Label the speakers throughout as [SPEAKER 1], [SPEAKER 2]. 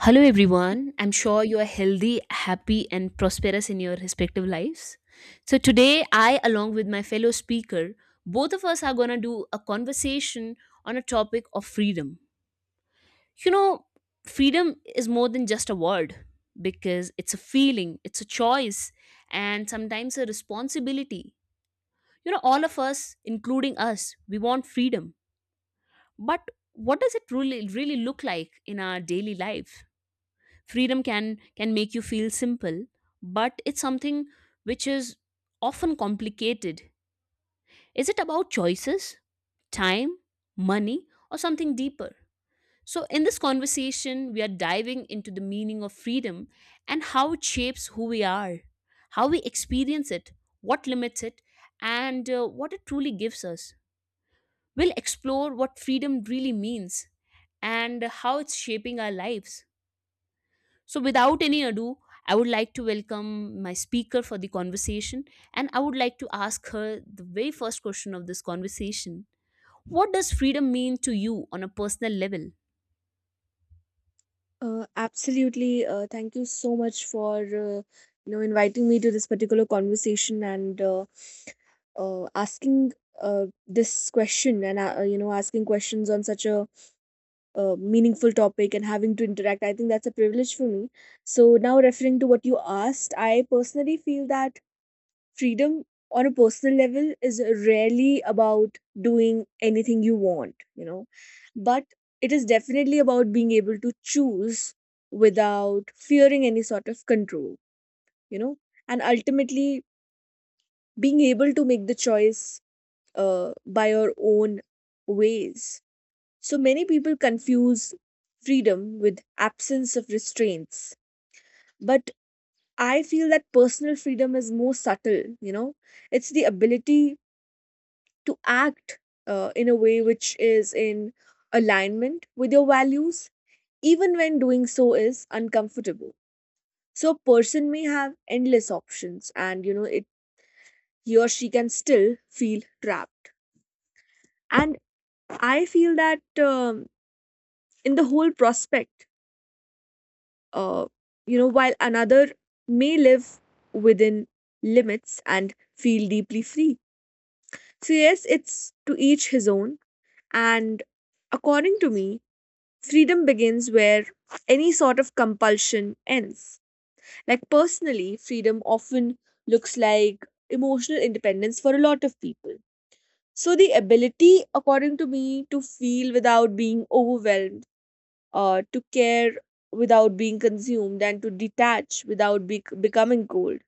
[SPEAKER 1] Hello, everyone. I'm sure you are healthy, happy, and prosperous in your respective lives. So, today, I, along with my fellow speaker, both of us are going to do a conversation on a topic of freedom. You know, freedom is more than just a word because it's a feeling, it's a choice, and sometimes a responsibility. You know, all of us, including us, we want freedom. But what does it really, really look like in our daily life? Freedom can make you feel simple, but it's something which is often complicated. Is it about choices, time, money, or something deeper? So in this conversation, we are diving into the meaning of freedom and how it shapes who we are, how we experience it, what limits it, and what it truly gives us. We'll explore what freedom really means and how it's shaping our lives. So, without any ado, I would like to welcome my speaker for the conversation, and I would like to ask her the very first question of this conversation. What does freedom mean to you on a personal level?
[SPEAKER 2] Absolutely. Thank you so much for inviting me to this particular conversation and asking this question and asking questions on such a meaningful topic and having to interact. I think that's a privilege for me. So now referring to what you asked, I personally feel that freedom on a personal level is rarely about doing anything you want, you know, but it is definitely about being able to choose without fearing any sort of control, you know, and ultimately being able to make the choice by your own ways. So many people confuse freedom with absence of restraints, but I feel that personal freedom is more subtle, you know, it's the ability to act in a way which is in alignment with your values, even when doing so is uncomfortable. So a person may have endless options, and you know it he or she can still feel trapped. And I feel that um, in the whole prospect, uh, you know, while another may live within limits and feel deeply free. So yes, it's to each his own, and according to me freedom begins where any sort of compulsion ends. Like personally, freedom often looks like emotional independence for a lot of people. So, the ability, according to me, to feel without being overwhelmed, to care without being consumed, and to detach without becoming cold.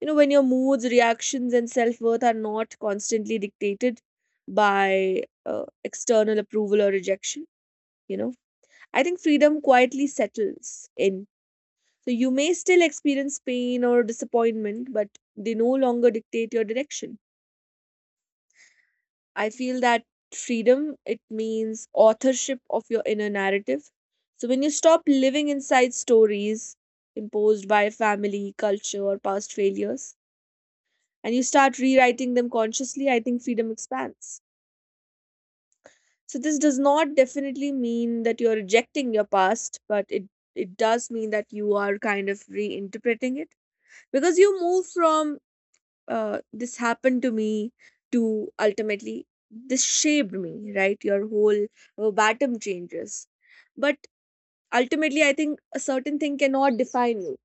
[SPEAKER 2] You know, when your moods, reactions, and self worth are not constantly dictated by external approval or rejection, you know I think freedom quietly settles in. So you may still experience pain or disappointment, but they no longer dictate your direction. I feel that freedom, it means authorship of your inner narrative. So when you stop living inside stories imposed by family, culture, or past failures, and you start rewriting them consciously, I think freedom expands. So this does not definitely mean that you're rejecting your past, but it does mean that you are kind of reinterpreting it because you move from this happened to me to ultimately this shaped me right your whole bottom changes but ultimately I think a certain thing cannot define you.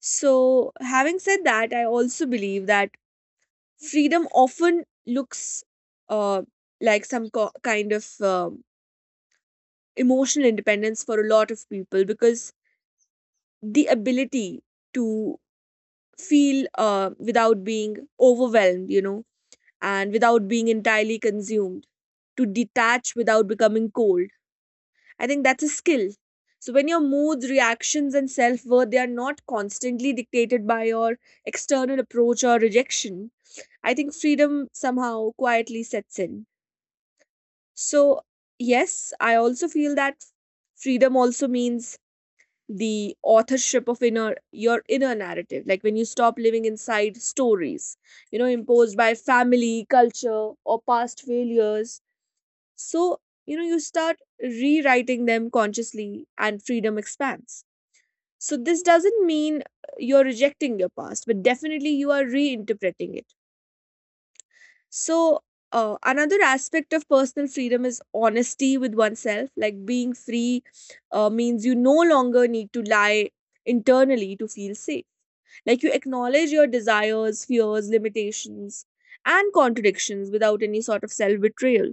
[SPEAKER 2] So having said that I also believe that freedom often looks uh, like some kind of emotional independence for a lot of people because the ability to feel without being overwhelmed you know and without being entirely consumed, to detach without becoming cold. I think that's a skill. So when your moods, reactions, and self worth they are not constantly dictated by your external approach or rejection, I think freedom somehow quietly sets in. So yes, I also feel that freedom also means the authorship of inner your inner narrative like when you stop living inside stories you know imposed by family culture or past failures. So, you know, you start rewriting them consciously and freedom expands. So, this doesn't mean you're rejecting your past, but definitely you are reinterpreting it. So, another aspect of personal freedom is honesty with oneself. Like being free means you no longer need to lie internally to feel safe. Like you acknowledge your desires, fears, limitations, and contradictions without any sort of self betrayal.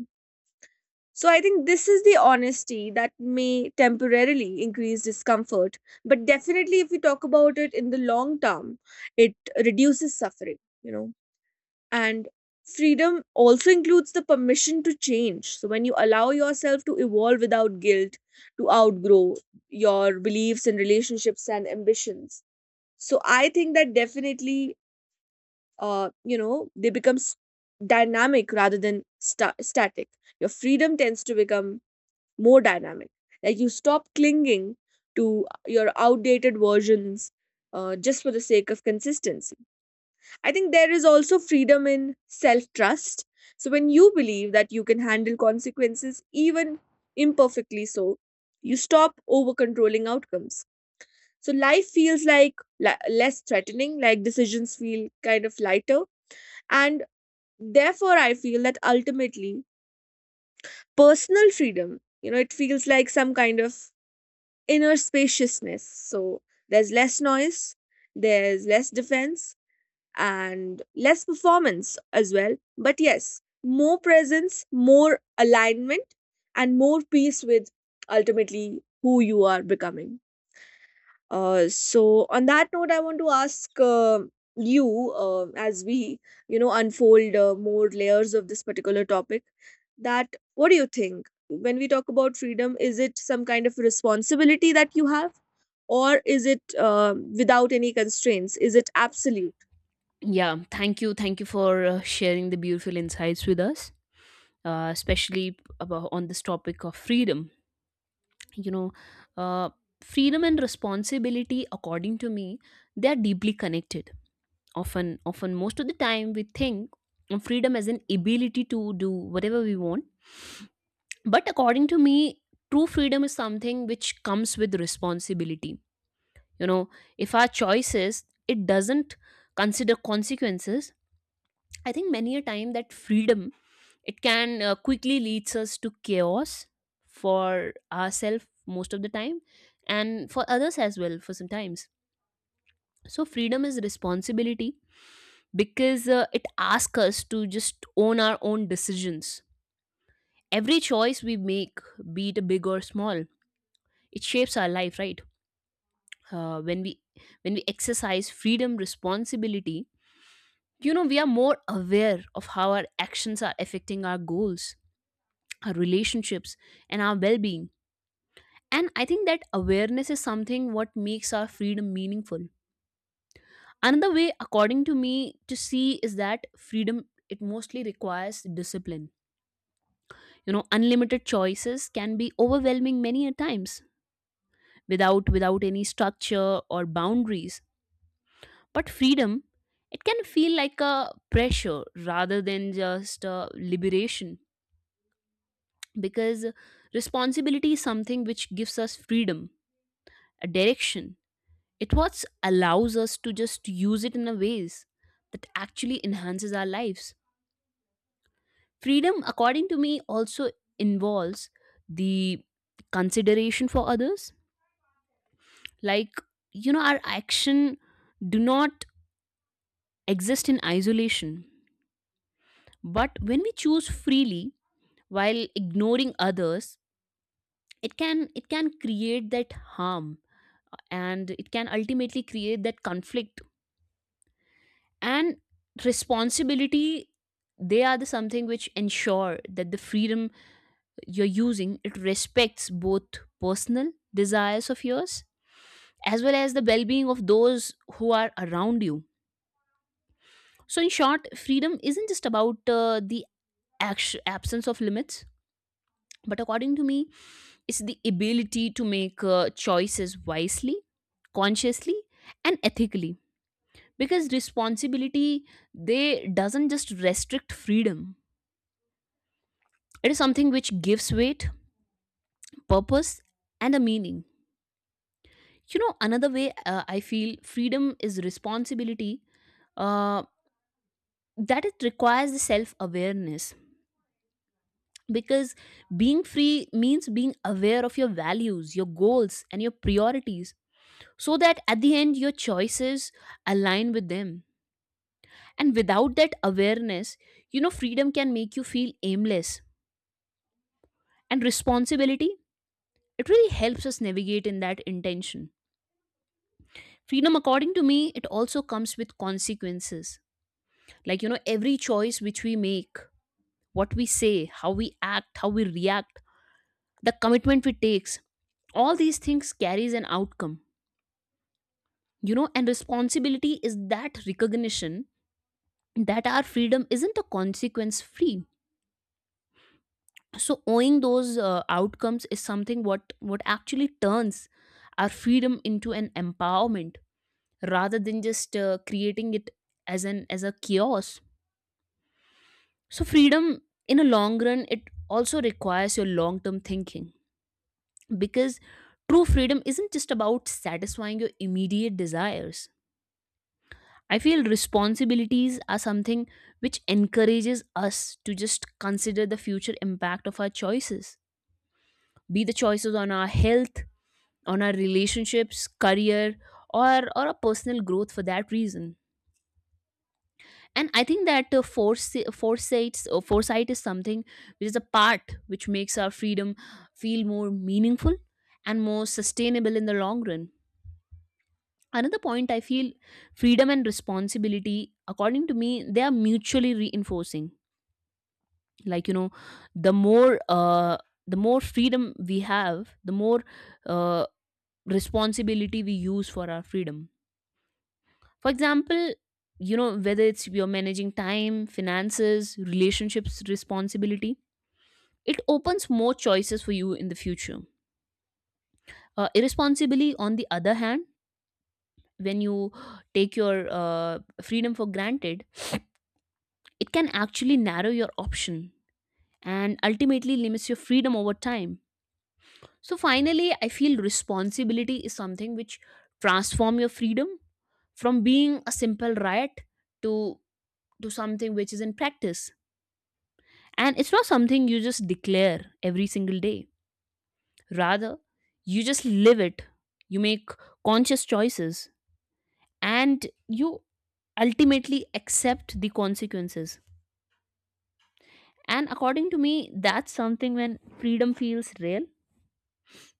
[SPEAKER 2] So I think this is the honesty that may temporarily increase discomfort, but definitely if we talk about it in the long term, it reduces suffering, you know. And freedom also includes the permission to change. So when you allow yourself to evolve without guilt, to outgrow your beliefs and relationships and ambitions. So I think that definitely you know, they become dynamic rather than static. Your freedom tends to become more dynamic. Like you stop clinging to your outdated versions just for the sake of consistency. I think there is also freedom in self trust. So when you believe that you can handle consequences, even imperfectly so, you stop over controlling outcomes. So life feels like less threatening, like decisions feel kind of lighter. And therefore, I feel that ultimately, personal freedom, you know, it feels like some kind of inner spaciousness. So there's less noise, there's less defense, and less performance as well. But yes, more presence, more alignment, and more peace with ultimately who you are becoming. So on that note, I want to ask you as we you know unfold more layers of this particular topic. That what do you think when we talk about freedom? Is it some kind of responsibility that you have, or is it without any constraints? Is it absolute?
[SPEAKER 1] Yeah, thank you. Thank you for sharing the beautiful insights with us, especially about on this topic of freedom. You know, uh, freedom and responsibility, according to me, they are deeply connected. Often, most of the time, we think of freedom as an ability to do whatever we want. But according to me, true freedom is something which comes with responsibility. You know, if our choices, it doesn't consider consequences. I think many a time that freedom, it can quickly leads us to chaos for ourselves most of the time, and for others as well for sometimes. So freedom is responsibility because it asks us to just own our own decisions. Every choice we make, be it big or small, it shapes our life, right? uh, when we when we exercise freedom responsibility, you know, we are more aware of how our actions are affecting our goals, our relationships, and our well-being. And I think that awareness is something what makes our freedom meaningful. Another way, according to me, to see is that freedom, it mostly requires discipline. You know, unlimited choices can be overwhelming many a times without any structure or boundaries. But freedom, it can feel like a pressure rather than just a liberation, because responsibility is something which gives us freedom, a direction. It what allows us to just use it in a ways that actually enhances our lives. Freedom, according to me, also involves the consideration for others. Like, you know, our action do not exist in isolation. But when we choose freely, while ignoring others, it can create that harm, and it can ultimately create that conflict. And responsibility, they are the something which ensure that the freedom you're using, it respects both personal desires of yours as well as the well-being of those who are around you. So in short, freedom isn't just about the absence of limits, but according to me is the ability to make choices wisely, consciously, and ethically. Because responsibility, they doesn't just restrict freedom. It is something which gives weight, purpose, and a meaning. You know, another way I feel freedom is responsibility. Uh, that it requires self awareness, because being free means being aware of your values, your goals, and your priorities so that at the end your choices align with them. And without that awareness, you know, freedom can make you feel aimless. And responsibility, it really helps us navigate in that intention. Freedom, according to me, it also comes with consequences. Like, you know, every choice which we make, what we say, how we act, how we react, the commitment we takes, all these things carries an outcome. You know, and responsibility is that recognition that our freedom isn't a consequence free. So owing those outcomes is something what actually turns our freedom into an empowerment rather than just creating it as a chaos. So freedom in a long run, it also requires your long term thinking, because true freedom isn't just about satisfying your immediate desires. I feel responsibilities are something which encourages us to just consider the future impact of our choices, be the choices on our health, on our relationships, career, or a personal growth for that reason. And I think that foresights or foresight is something which is a part which makes our freedom feel more meaningful and more sustainable in the long run. Another point I feel, freedom and responsibility, according to me, they are mutually reinforcing. Like, you know, the more uh, the more freedom we have, the more uh, responsibility we use for our freedom. For example, you know, whether it's you're managing time, finances, relationships, responsibility, it opens more choices for you in the future. Irresponsibly, on the other hand, when you take your freedom for granted, it can actually narrow your option and ultimately limits your freedom over time. So finally, I feel responsibility is something which transform your freedom from being a simple right to to something which is in practice. And it's not something you just declare every single day. Rather, you just live it. You make conscious choices, and you ultimately accept the consequences. And according to me, that's something when freedom feels real,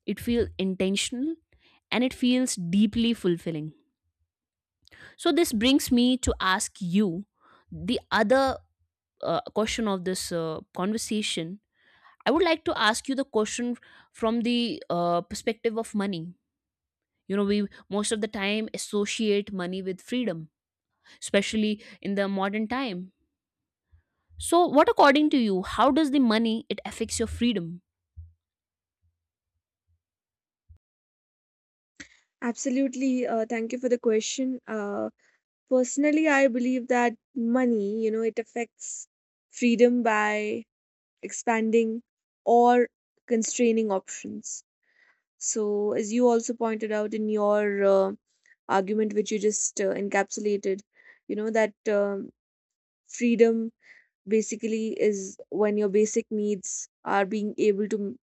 [SPEAKER 1] it feels intentional, and it feels deeply fulfilling. So, this brings me to ask you the other question of this conversation. I would like to ask you the question from the perspective of money. You know, we most of the time associate money with freedom, especially in the modern time. So what, according to you, how does the money, it affects your freedom?
[SPEAKER 2] Absolutely. Thank you for the question. Personally, I believe that money, you know, it affects freedom by expanding or constraining options. So, as you also pointed out in your argument, which you just encapsulated, you know, that freedom basically is when your basic needs are being able to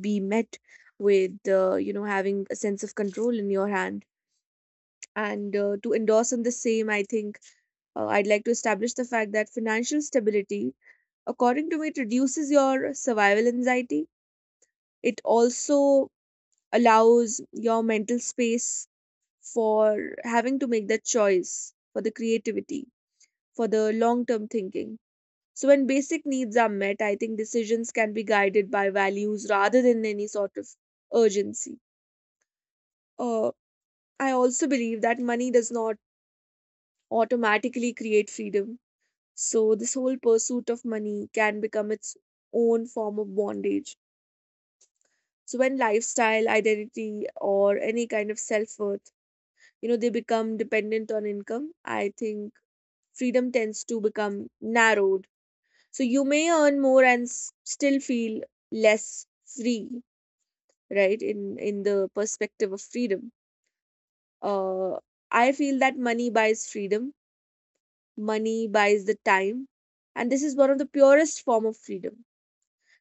[SPEAKER 2] be met with, you know, having a sense of control in your hand. And to endorse on the same, I think I'd like to establish the fact that financial stability, according to me, it reduces your survival anxiety. It also allows your mental space for having to make that choice for the creativity, for the long term thinking. So, when basic needs are met, I think decisions can be guided by values rather than any sort of urgency. Uh, I also believe that money does not automatically create freedom. So, this whole pursuit of money can become its own form of bondage. So, when lifestyle, identity, or any kind of self worth you know they become dependent on income I think freedom tends to become narrowed. So you may earn more and still feel less free, right? In the perspective of freedom, uh I feel that money buys freedom, money buys the time, and this is one of the purest form of freedom.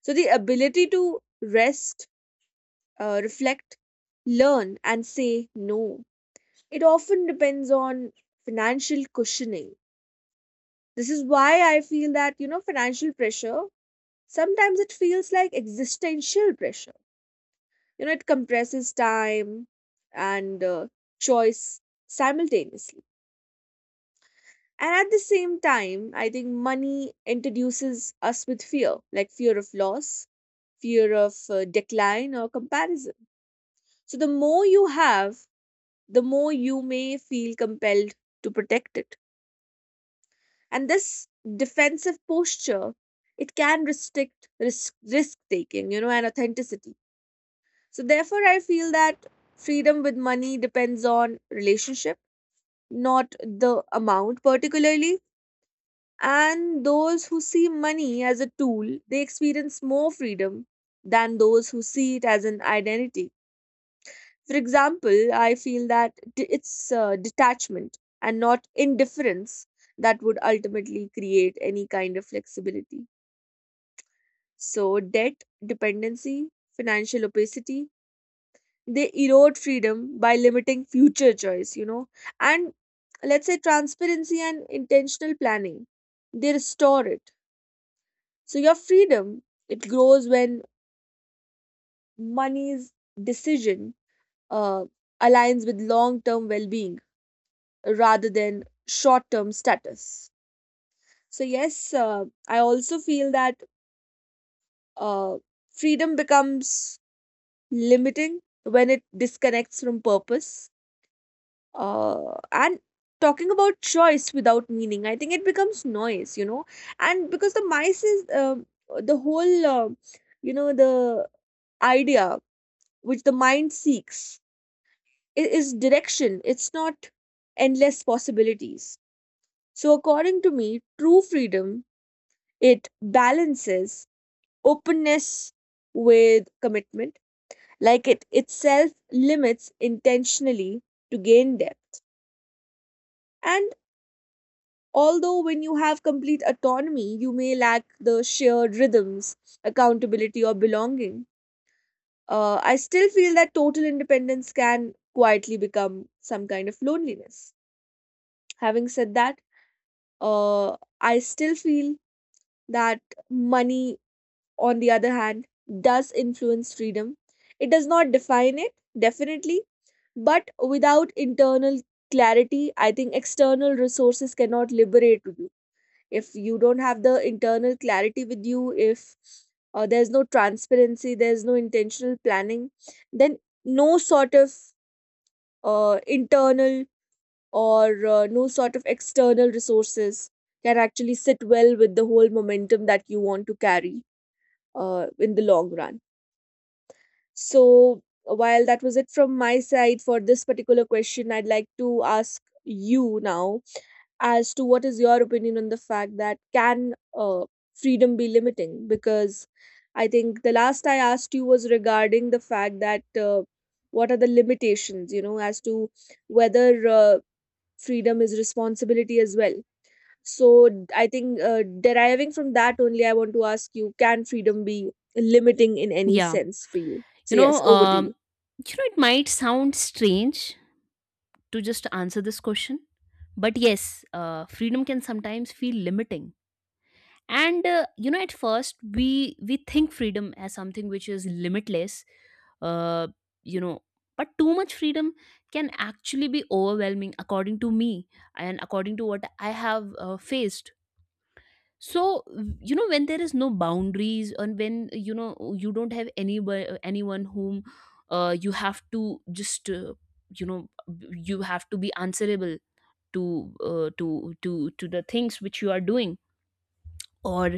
[SPEAKER 2] So the ability to rest, reflect, learn and say no, it often depends on financial cushioning. This is why I feel that, you know, financial pressure, sometimes it feels like existential pressure. You know, it compresses time and choice simultaneously. And at the same time, I think money introduces us with fear, like fear of loss, fear of decline or comparison. So the more you have, the more you may feel compelled to protect it. And this defensive posture it can restrict risk taking you know and authenticity. So therefore I feel that freedom with money depends on relationship, not the amount particularly. And those who see money as a tool they experience more freedom than those who see it as an identity. For example I feel that it's detachment and not indifference that would ultimately create any kind of flexibility. So, debt, dependency, financial opacity, they erode freedom by limiting future choice, you know. And let's say transparency and intentional planning, they restore it. So, your freedom, it grows when money's decision uh, aligns with long term well being rather than short term status. So, yes, I also feel that uh, freedom becomes limiting when it disconnects from purpose. And talking about choice without meaning, I think it becomes noise, you know. And because the mice is the whole, you know, the idea which the mind seeks is direction, it's not endless possibilities. So, according to me, true freedom it balances openness with commitment, like it itself limits intentionally to gain depth. And although when you have complete autonomy, you may lack the shared rhythms, accountability, or belonging, I still feel that total independence can quietly become some kind of loneliness. Having said that, I still feel that money, on the other hand, does influence freedom. It does not define it, definitely, but without internal clarity I think external resources cannot liberate you. If you don't have the internal clarity with you, if there's no transparency, there's no intentional planning, then no sort of internal or no sort of external resources can actually sit well with the whole momentum that you want to carry in the long run. So, while that was it from my side for this particular question, I'd like to ask you now as to what is your opinion on the fact that can freedom be limiting? Because I think the last I asked you was regarding the fact that what are the limitations, you know, as to whether freedom is responsibility as well. So I think deriving from that only, I want to ask you can freedom be limiting in any
[SPEAKER 1] Yeah,
[SPEAKER 2] sense for you?
[SPEAKER 1] you
[SPEAKER 2] So,
[SPEAKER 1] know,
[SPEAKER 2] yes, over to you.
[SPEAKER 1] it might sound strange to just answer this question, but yes, freedom can sometimes feel limiting. And you know, at first we think freedom as something which is limitless. uh, you know but too much freedom can actually be overwhelming, according to me, and according to what I have faced. So, you know, when there is no boundaries, and when you know you don't have any anyone whom you have to just you know you have to be answerable to to the things which you are doing, or,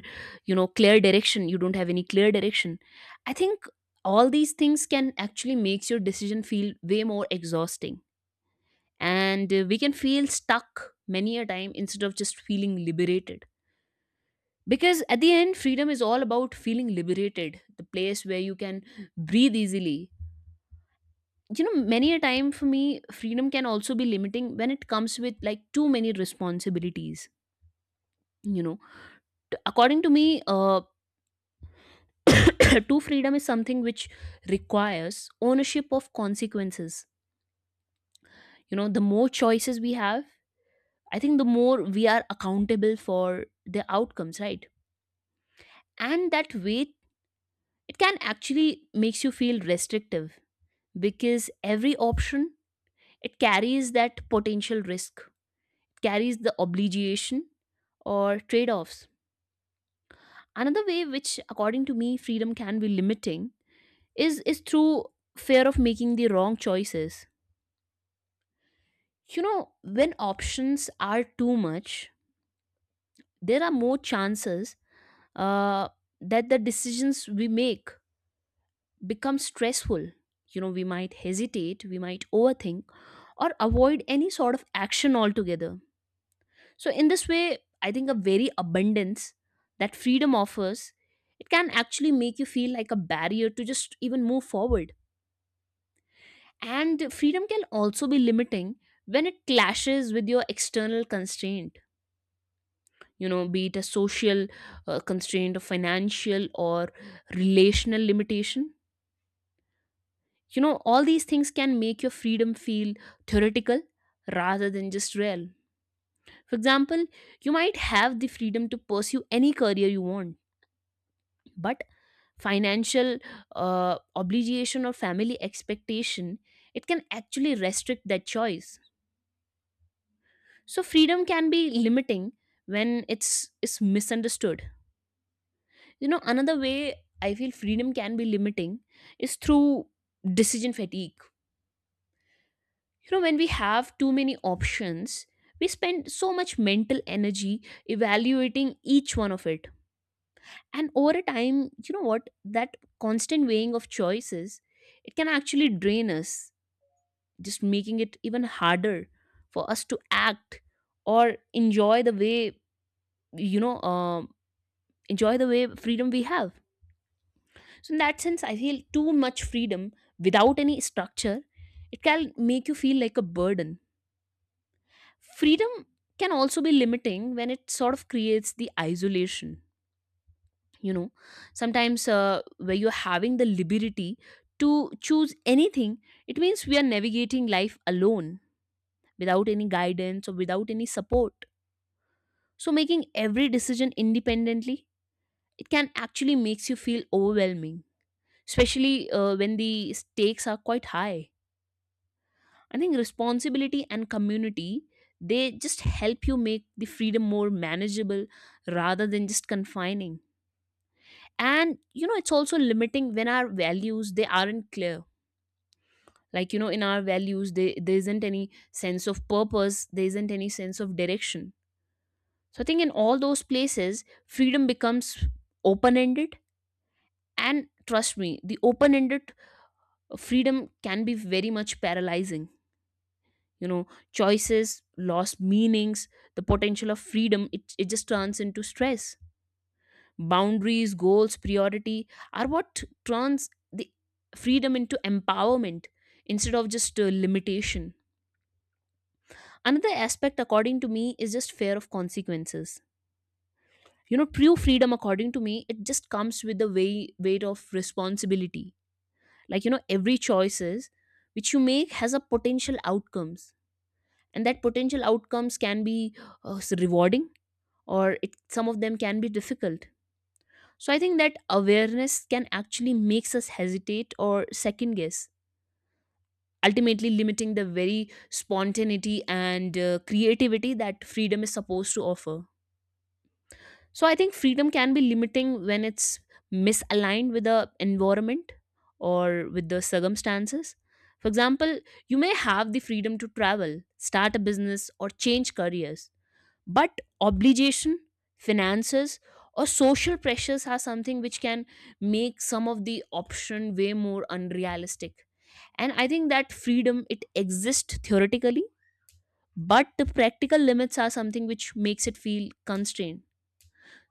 [SPEAKER 1] you know, clear direction, you don't have any clear direction, I think all these things can actually makes your decision feel way more exhausting. And we can feel stuck many a time instead of just feeling liberated, because at the end freedom is all about feeling liberated, the place where you can breathe easily. You know, many a time for me, freedom can also be limiting when it comes with like too many responsibilities, you know. According to me, true freedom is something which requires ownership of consequences. You know, the more choices we have, I think the more we are accountable for the outcomes, right? And that weight, it can actually makes you feel restrictive, because every option, it carries that potential risk, carries the obligation, or trade offs. Another way which according to me freedom can be limiting is through fear of making the wrong choices. You know, when options are too much, there are more chances uh, that the decisions we make become stressful. You know, we might hesitate, we might overthink, or avoid any sort of action altogether. So in this way, I think a very abundance that freedom offers, it can actually make you feel like a barrier to just even move forward. And freedom can also be limiting when it clashes with your external constraint. You know, be it a social constraint, or financial, or relational limitation, you know, all these things can make your freedom feel theoretical rather than just real. For example, you might have the freedom to pursue any career you want, but financial obligation or family expectation, it can actually restrict that choice. So freedom can be limiting when it's misunderstood. You know, another way I feel freedom can be limiting is through decision fatigue. You know, when we have too many options, we spend so much mental energy evaluating each one of it. And over a time, you know what? That constant weighing of choices, it can actually drain us, just making it even harder for us to act or enjoy the way, you know, um enjoy the way freedom we have. So in that sense, I feel too much freedom without any structure, it can make you feel like a burden. Freedom can also be limiting when it sort of creates the isolation. You know, sometimes where you're having the liberty to choose anything, it means we are navigating life alone without any guidance or without any support. So making every decision independently, it can actually makes you feel overwhelming, especially when the stakes are quite high. I think responsibility and community, they just help you make the freedom more manageable rather than just confining. And, you know, it's also limiting when our values they aren't clear. Like, you know, in our values they, there isn't any sense of purpose, there isn't any sense of direction. So I think in all those places, freedom becomes open-ended. And trust me, the open-ended freedom can be very much paralyzing. You know, choices lost meanings, the potential of freedom, it just turns into stress. Boundaries, goals, priority are what turns the freedom into empowerment instead of just limitation. Another aspect according to me is just fear of consequences. You know, true freedom according to me, it just comes with the weight of responsibility. Like, you know, every choices which you make has a potential outcomes, and that potential outcomes can be uh, rewarding, or it, some of them can be difficult. So I think that awareness can actually makes us hesitate or second guess, ultimately limiting the very spontaneity and creativity that freedom is supposed to offer. So I think freedom can be limiting when it's misaligned with the environment or with the circumstances. For example, you may have the freedom to travel, start a business, or change careers. But obligation, finances, or social pressures are something which can make some of the option way more unrealistic. And I think that freedom, it exists theoretically, but the practical limits are something which makes it feel constrained.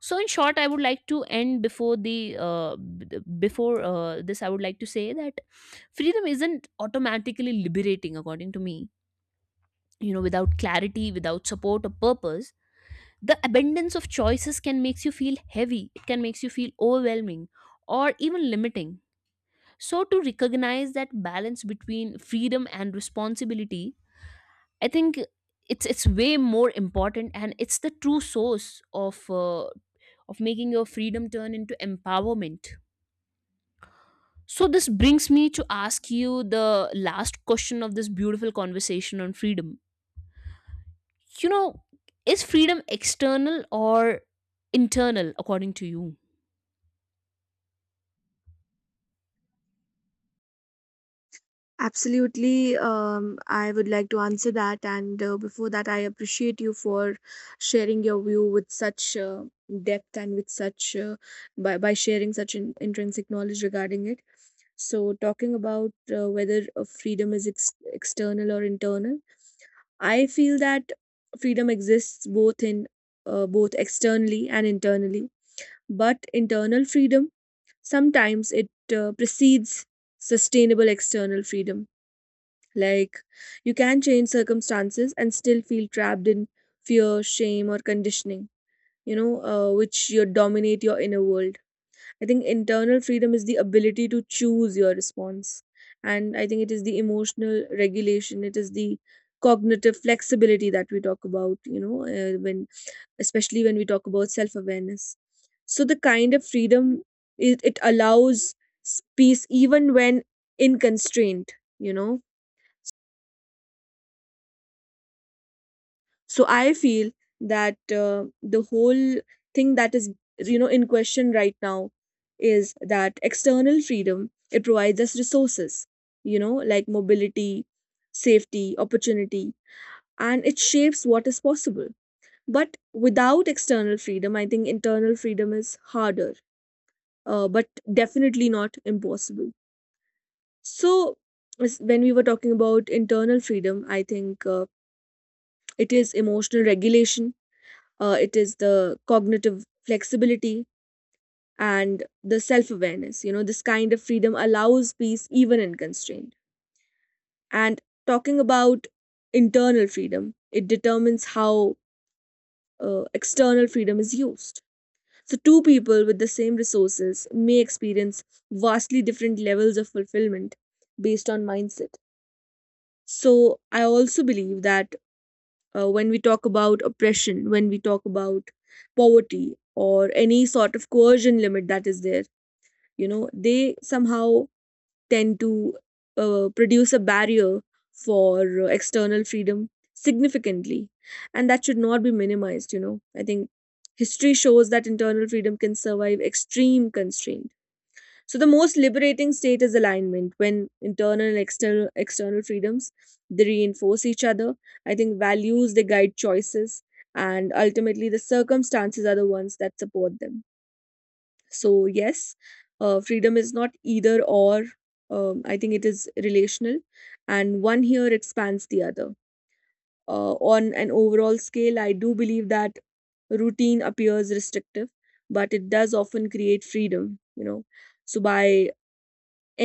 [SPEAKER 1] So in short, I would like to end before the b- before this. I would like to say that freedom isn't automatically liberating, according to me. You know, without clarity, without support or purpose, the abundance of choices can makes you feel heavy, it can makes you feel overwhelming or even limiting. So to recognize that balance between freedom and responsibility, I think it's way more important, and it's the true source of making your freedom turn into empowerment. So this brings me to ask you the last question of this beautiful conversation on freedom. You know, is freedom external or internal, according to you?
[SPEAKER 2] Absolutely. I would like to answer that. And before that, I appreciate you for sharing your view with such depth and with such, by sharing such intrinsic knowledge regarding it. So, talking about whether freedom is external or internal. I feel that freedom exists both in both externally and internally, but internal freedom sometimes it precedes sustainable external freedom. Like you can change circumstances and still feel trapped in fear, shame, or conditioning. Which you dominate your inner world. I think internal freedom is the ability to choose your response. And I think it is the emotional regulation, it is the cognitive flexibility that we talk about, when especially when we talk about self awareness. So, the kind of freedom it allows peace even when in constraint, you know. So I feel that the whole thing that is, you know, in question right now is that external freedom it provides us resources, you know, like mobility, safety, opportunity, and it shapes what is possible. But without external freedom, I think internal freedom is harder, but definitely not impossible. So when we were talking about internal freedom, I think it is emotional regulation, it is the cognitive flexibility and the self awareness. You know, this kind of freedom allows peace even in constraint. And talking about internal freedom, it determines how external freedom is used. So, two people with the same resources may experience vastly different levels of fulfillment based on mindset. So, I also believe that when we talk about oppression, when we talk about poverty or any sort of coercion limit that is there, you know, they somehow tend to produce a barrier for external freedom significantly. And that should not be minimized, you know. I think history shows that internal freedom can survive extreme constraints. So the most liberating state is alignment when internal and external freedoms they reinforce each other. I think values they guide choices and ultimately the circumstances are the ones that support them. So yes, freedom is not either or. I think it is relational, and one here expands the other. On an overall scale, I do believe that routine appears restrictive, but it does often create freedom. You know, so by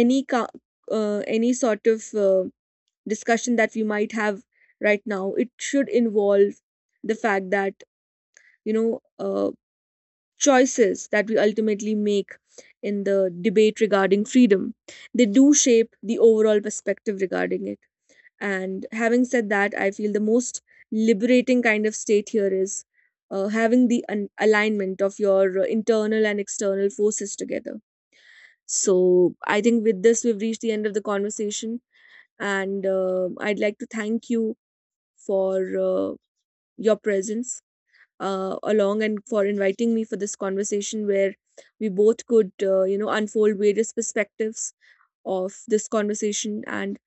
[SPEAKER 2] any ca- any sort of discussion that we might have right now, it should involve the fact that, you know, choices that we ultimately make in the debate regarding freedom, they do shape the overall perspective regarding it. And having said that, I feel the most liberating kind of state here is having the alignment of your internal and external forces together. So I think with this, we've reached the end of the conversation, and I'd like to thank you for your presence, along, and for inviting me for this conversation where we both could, you know, unfold various perspectives of this conversation. And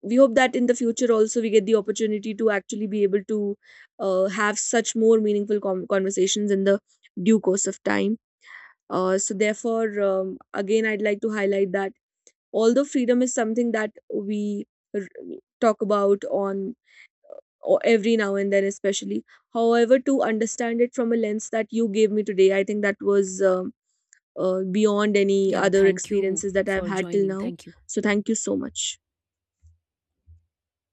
[SPEAKER 2] we hope that in the future also we get the opportunity to actually be able to have such more meaningful conversations in the due course of time. So, therefore, again, I'd like to highlight that although freedom is something that we r- talk about on or every now and then especially, however, to understand it from a lens that you gave me today, I think that was beyond any
[SPEAKER 1] Yeah,
[SPEAKER 2] other
[SPEAKER 1] thank you
[SPEAKER 2] experiences that I've
[SPEAKER 1] for
[SPEAKER 2] had till
[SPEAKER 1] joining.
[SPEAKER 2] now.
[SPEAKER 1] Thank you.
[SPEAKER 2] So thank you so much.